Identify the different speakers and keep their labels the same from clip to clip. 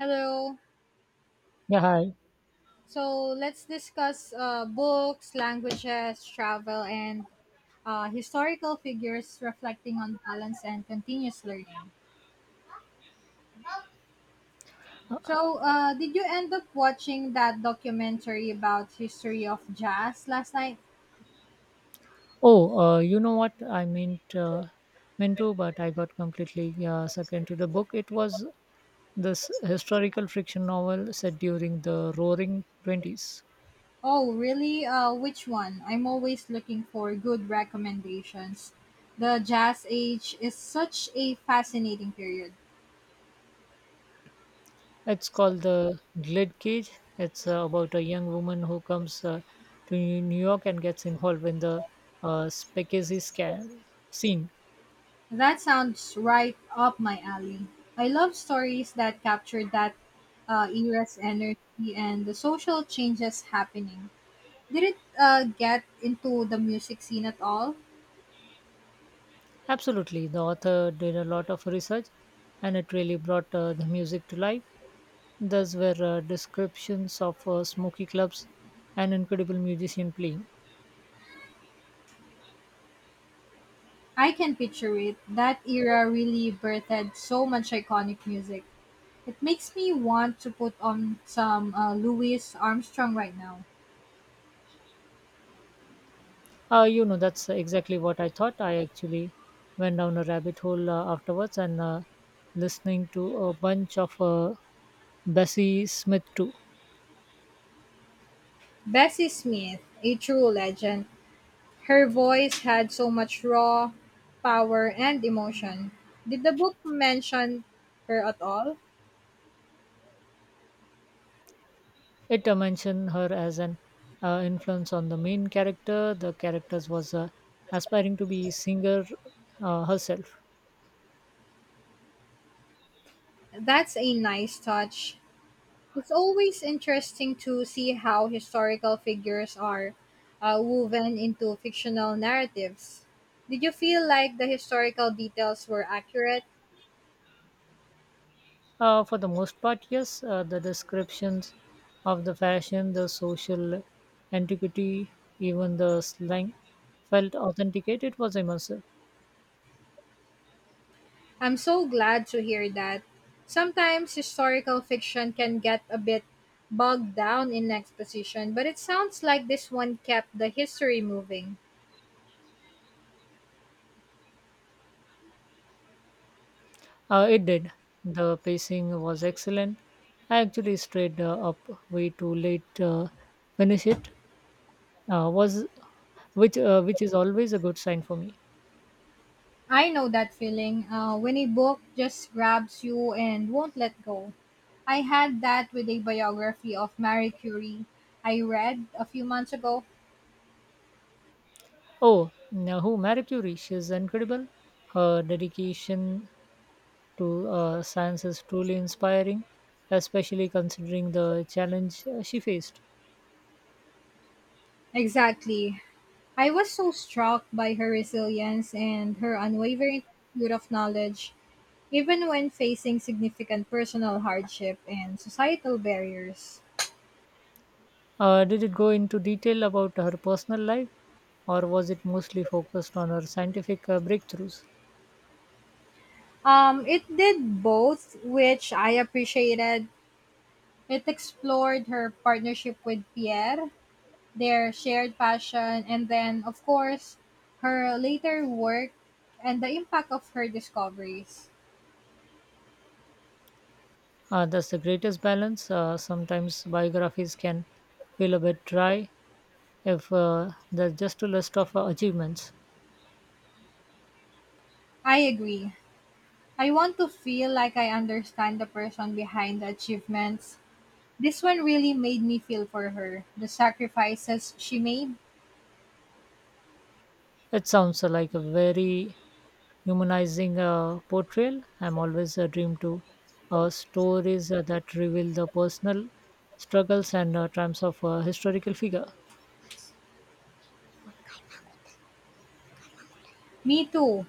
Speaker 1: Hello.
Speaker 2: Yeah, hi.
Speaker 1: So let's discuss books, languages, travel, and historical figures reflecting on balance and continuous learning.
Speaker 2: Uh,
Speaker 1: So, did you end up watching that documentary about history of jazz last night?
Speaker 2: Oh, you know what? I meant to, but I got completely sucked into the book. It was this historical fiction novel set during the Roaring Twenties.
Speaker 1: Oh, really? Which one? I'm always looking for good recommendations. The jazz age is such a fascinating period.
Speaker 2: It's called The Glade Cage. It's about a young woman who comes to New York and gets involved in the Spaghetti scan scene.
Speaker 1: That sounds right up my alley. I love stories that capture that era's energy and the social changes happening. Did it get into the music scene at all?
Speaker 2: Absolutely, the author did a lot of research, and it really brought the music to life. Those were descriptions of smoky clubs and incredible musician playing.
Speaker 1: I can picture it. That era really birthed so much iconic music. It makes me want to put on some Louis Armstrong right now.
Speaker 2: That's exactly what I thought. I actually went down a rabbit hole afterwards and listening to a bunch of Bessie Smith too.
Speaker 1: Bessie Smith, a true legend. Her voice had so much raw power and emotion. Did the book mention her at all?
Speaker 2: It mentioned her as an influence on the main character. The characters was aspiring to be singer herself.
Speaker 1: That's a nice touch. It's always interesting to see how historical figures are woven into fictional narratives. Did you feel like the historical details were accurate?
Speaker 2: For the most part, yes, the descriptions of the fashion, the social antiquity, even the slang felt authenticate. It was immersive.
Speaker 1: I'm so glad to hear that. Sometimes historical fiction can get a bit bogged down in exposition, but it sounds like this one kept the history moving.
Speaker 2: It did. The pacing was excellent. I actually stayed up way too late to finish it, was which is always a good sign for me.
Speaker 1: I know that feeling when a book just grabs you and won't let go. I had that with a biography of Marie Curie I read a few months ago.
Speaker 2: Oh, now who Marie Curie? She's incredible. Her dedication to science is truly inspiring, especially considering the challenge she faced.
Speaker 1: Exactly. I was so struck by her resilience and her unwavering pursuit of knowledge, even when facing significant personal hardship and societal barriers.
Speaker 2: Did it go into detail about her personal life, or was it mostly focused on her scientific breakthroughs?
Speaker 1: It did both, which I appreciated. It explored her partnership with Pierre, their shared passion, and then, of course, her later work and the impact of her discoveries.
Speaker 2: That's the greatest balance. Sometimes biographies can feel a bit dry if they're just a list of achievements.
Speaker 1: I agree. I want to feel like I understand the person behind the achievements. This one really made me feel for her, the sacrifices she made.
Speaker 2: It sounds like a very humanizing portrayal. I'm always a dream to stories that reveal the personal struggles and triumphs of a historical figure.
Speaker 1: Me too.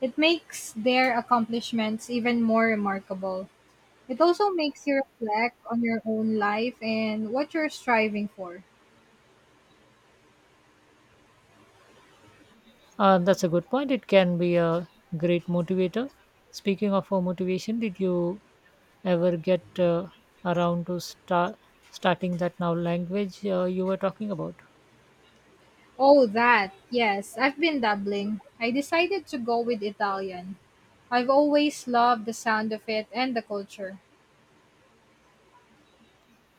Speaker 1: It makes their accomplishments even more remarkable. It also makes you reflect on your own life and what you're striving for.
Speaker 2: That's a good point. It can be a great motivator. Speaking of motivation, did you ever get around to starting that now language you were talking about?
Speaker 1: Oh, that. Yes, I've been dabbling. I decided to go with Italian. I've always loved the sound of it and the culture.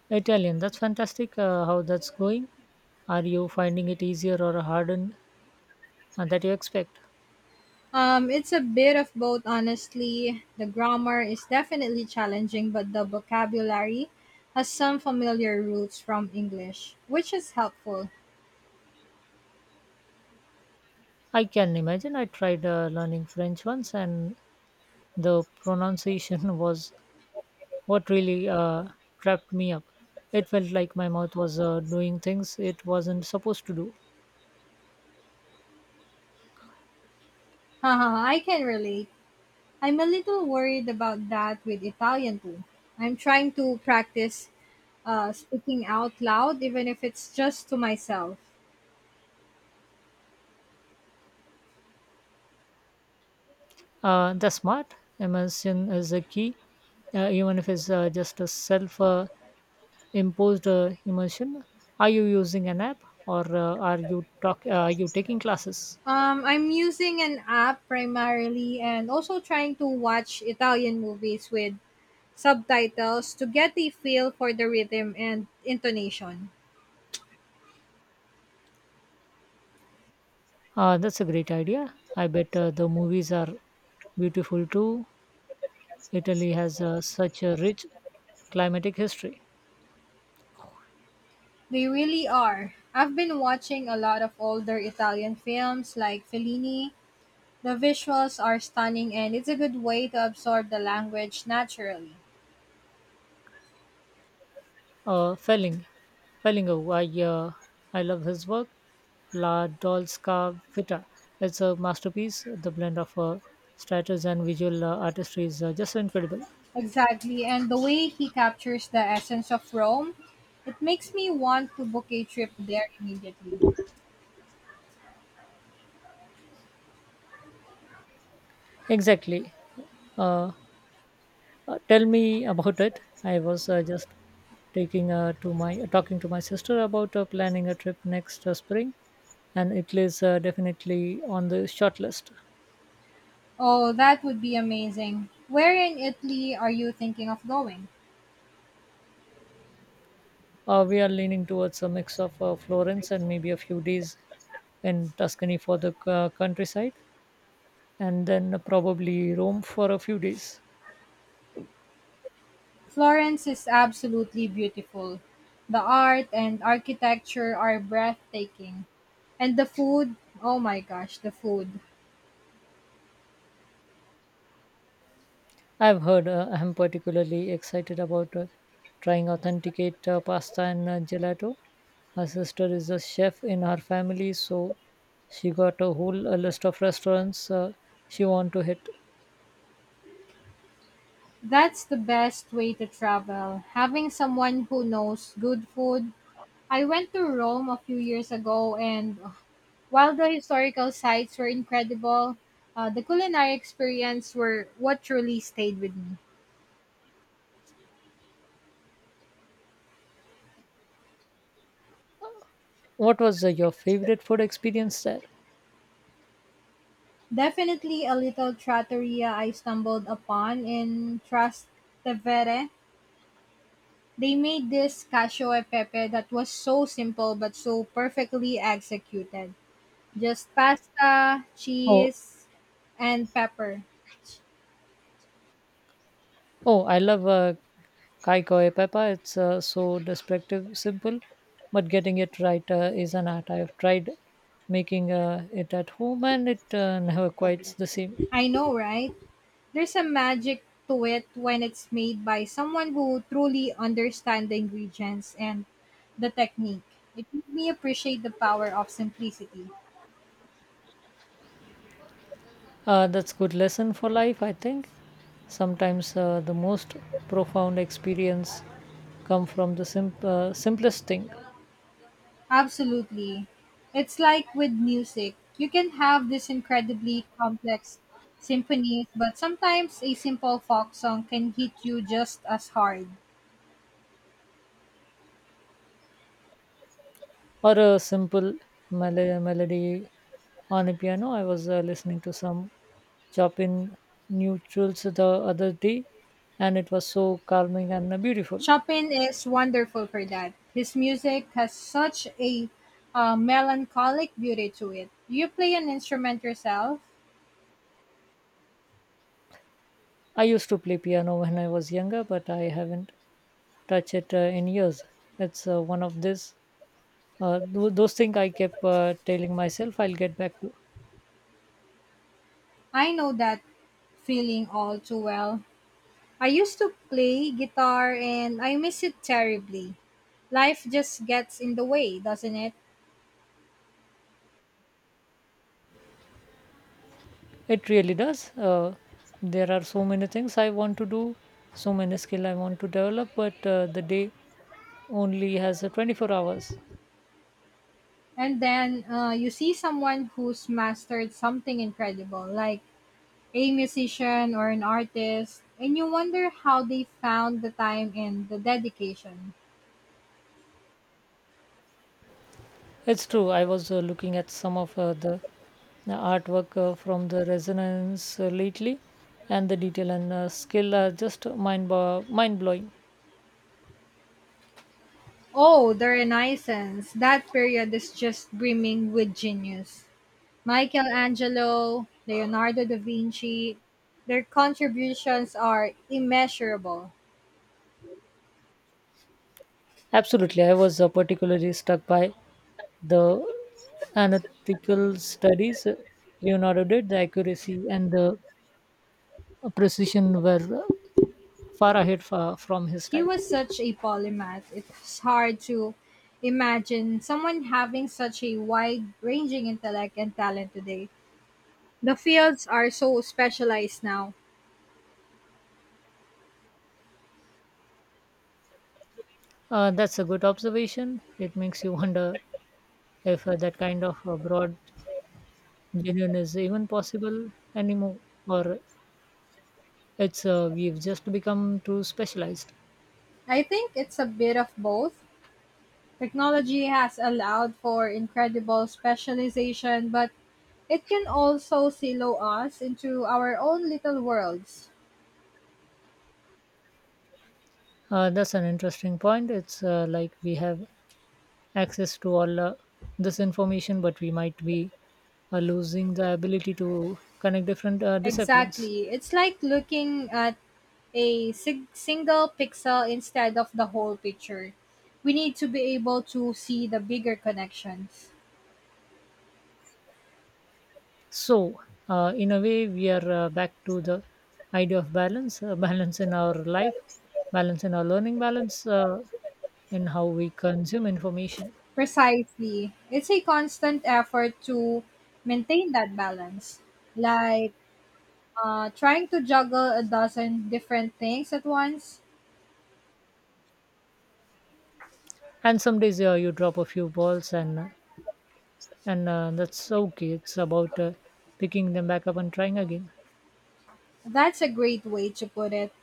Speaker 2: Italian. That's fantastic. How that's going? Are you finding it easier or harder than you expect?
Speaker 1: It's a bit of both, honestly. The grammar is definitely challenging, but the vocabulary has some familiar roots from English, which is helpful.
Speaker 2: I can imagine. I tried learning French once, and the pronunciation was what really trapped me up. It felt like my mouth was doing things it wasn't supposed to do.
Speaker 1: Haha, I can relate. I'm a little worried about that with Italian too. I'm trying to practice speaking out loud, even if it's just to myself.
Speaker 2: The smart immersion is a key, even if it's just a self imposed immersion. Are you using an app or are you talk? Are you taking classes?
Speaker 1: I'm using an app primarily and also trying to watch Italian movies with subtitles to get a feel for the rhythm and intonation.
Speaker 2: That's a great idea. I bet the movies are beautiful too. Italy has such a rich climatic history.
Speaker 1: They really are. I've been watching a lot of older Italian films like Fellini. The visuals are stunning and it's a good way to absorb the language naturally.
Speaker 2: Uh, Felling, Fellingo, I love his work. La Dolska Vita. It's a masterpiece. The blend of status and visual artistry is just incredible.
Speaker 1: Exactly, and the way he captures the essence of Rome, it makes me want to book a trip there immediately.
Speaker 2: Exactly. Uh, Tell me about it. I was just taking to my talking to my sister about planning a trip next spring, and Italy is definitely on the short list.
Speaker 1: Oh, that would be amazing. Where in Italy are you thinking of going?
Speaker 2: We are leaning towards a mix of Florence and maybe a few days in Tuscany for the countryside, and then probably Rome for a few days.
Speaker 1: Florence is absolutely beautiful. The art and architecture are breathtaking. And the food, oh my gosh, the food.
Speaker 2: I've heard. I'm particularly excited about trying authenticate pasta and gelato. My sister is a chef in her family, so she got a whole list of restaurants she want to hit.
Speaker 1: That's the best way to travel, having someone who knows good food. I went to Rome a few years ago, and while the historical sites were incredible, the culinary experience were what truly stayed with me.
Speaker 2: What was your favorite food experience there?
Speaker 1: Definitely a little trattoria I stumbled upon in Trastevere. They made this cacio e pepe that was so simple but so perfectly executed. Just pasta,
Speaker 2: Oh,
Speaker 1: cheese, and pepper.
Speaker 2: oh, I love Kai koe Peppa, it's so descriptive, simple, but getting it right is an art. I've tried making it at home and it never quite the same.
Speaker 1: I know, right? There's a magic to it when it's made by someone who truly understands the ingredients and the technique. It made me appreciate the power of simplicity.
Speaker 2: That's good lesson for life, I think. Sometimes the most profound experience come from the simplest thing
Speaker 1: Absolutely. It's like with music. You can have this incredibly complex symphony, but sometimes a simple folk song can hit you just as hard.
Speaker 2: or a simple melody on a piano. I was listening to some shop in neutrals the other day and it was so calming and beautiful.
Speaker 1: Chopin is wonderful for that. His music has such a melancholic beauty to it. Do you play an instrument yourself?
Speaker 2: I used to play piano when I was younger, but I haven't touched it in years. It's one of those things I kept telling myself I'll get back to.
Speaker 1: I know that feeling all too well. I used to play guitar and I miss it terribly. Life just gets in the way, doesn't it?
Speaker 2: It really does. There are so many things I want to do, so many skill I want to develop, but the day only has 24 hours.
Speaker 1: And then you see someone who's mastered something incredible, like a musician or an artist, and you wonder how they found the time and the dedication.
Speaker 2: It's true. I was looking at some of the artwork from the resonance lately, and the detail and skill are just mind mind blowing.
Speaker 1: Oh, the Renaissance. That period is just brimming with genius. Michelangelo, Leonardo da Vinci, their contributions are immeasurable.
Speaker 2: Absolutely, I was particularly struck by the analytical studies Leonardo did. The accuracy and the precision were far ahead from his
Speaker 1: He
Speaker 2: time.
Speaker 1: was such a polymath, it's hard to imagine someone having such a wide ranging intellect and talent today. The fields are so specialized now.
Speaker 2: That's a good observation. It makes you wonder if that kind of broad genuine is even possible anymore, or It's we've just become too specialized.
Speaker 1: I think it's a bit of both. Technology has allowed for incredible specialization, but it can also silo us into our own little worlds.
Speaker 2: That's an interesting point. It's like we have access to all this information, but we might be losing the ability to connect different disciplines.
Speaker 1: Exactly. It's like looking at a single pixel instead of the whole picture. We need to be able to see the bigger connections.
Speaker 2: So, in a way, we are back to the idea of balance, balance in our life, balance in our learning, balance in how we consume information.
Speaker 1: Precisely. It's a constant effort to maintain that balance, like trying to juggle a dozen different things at once.
Speaker 2: And some days you drop a few balls, and that's okay. It's about picking them back up and trying again.
Speaker 1: That's a great way to put it.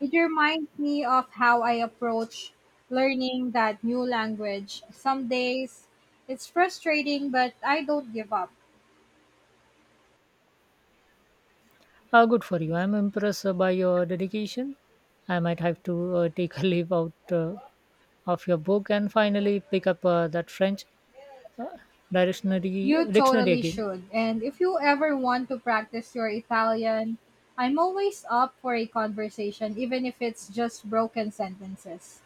Speaker 1: It reminds me of how I approach learning that new language. Some days it's frustrating, but I don't give up.
Speaker 2: Good for you. I'm impressed by your dedication. I might have to take a leave out of your book and finally pick up that French uh, dictionary
Speaker 1: You
Speaker 2: dictionary
Speaker 1: totally
Speaker 2: again.
Speaker 1: should. And if you ever want to practice your Italian, I'm always up for a conversation, even if it's just broken sentences.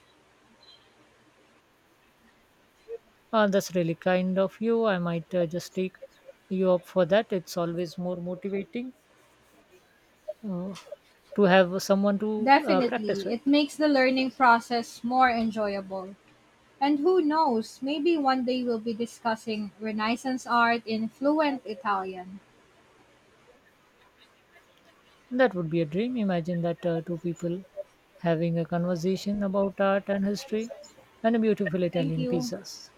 Speaker 2: That's really kind of you. I might just take you up for that. It's always more motivating uh, to have someone to practice
Speaker 1: Definitely,
Speaker 2: with.
Speaker 1: it makes the learning process more enjoyable. And who knows, maybe one day we'll be discussing Renaissance art in fluent Italian.
Speaker 2: That would be a dream. Imagine that, two people having a conversation about art and history and a beautiful
Speaker 1: Thank
Speaker 2: Italian
Speaker 1: you.
Speaker 2: pizzas.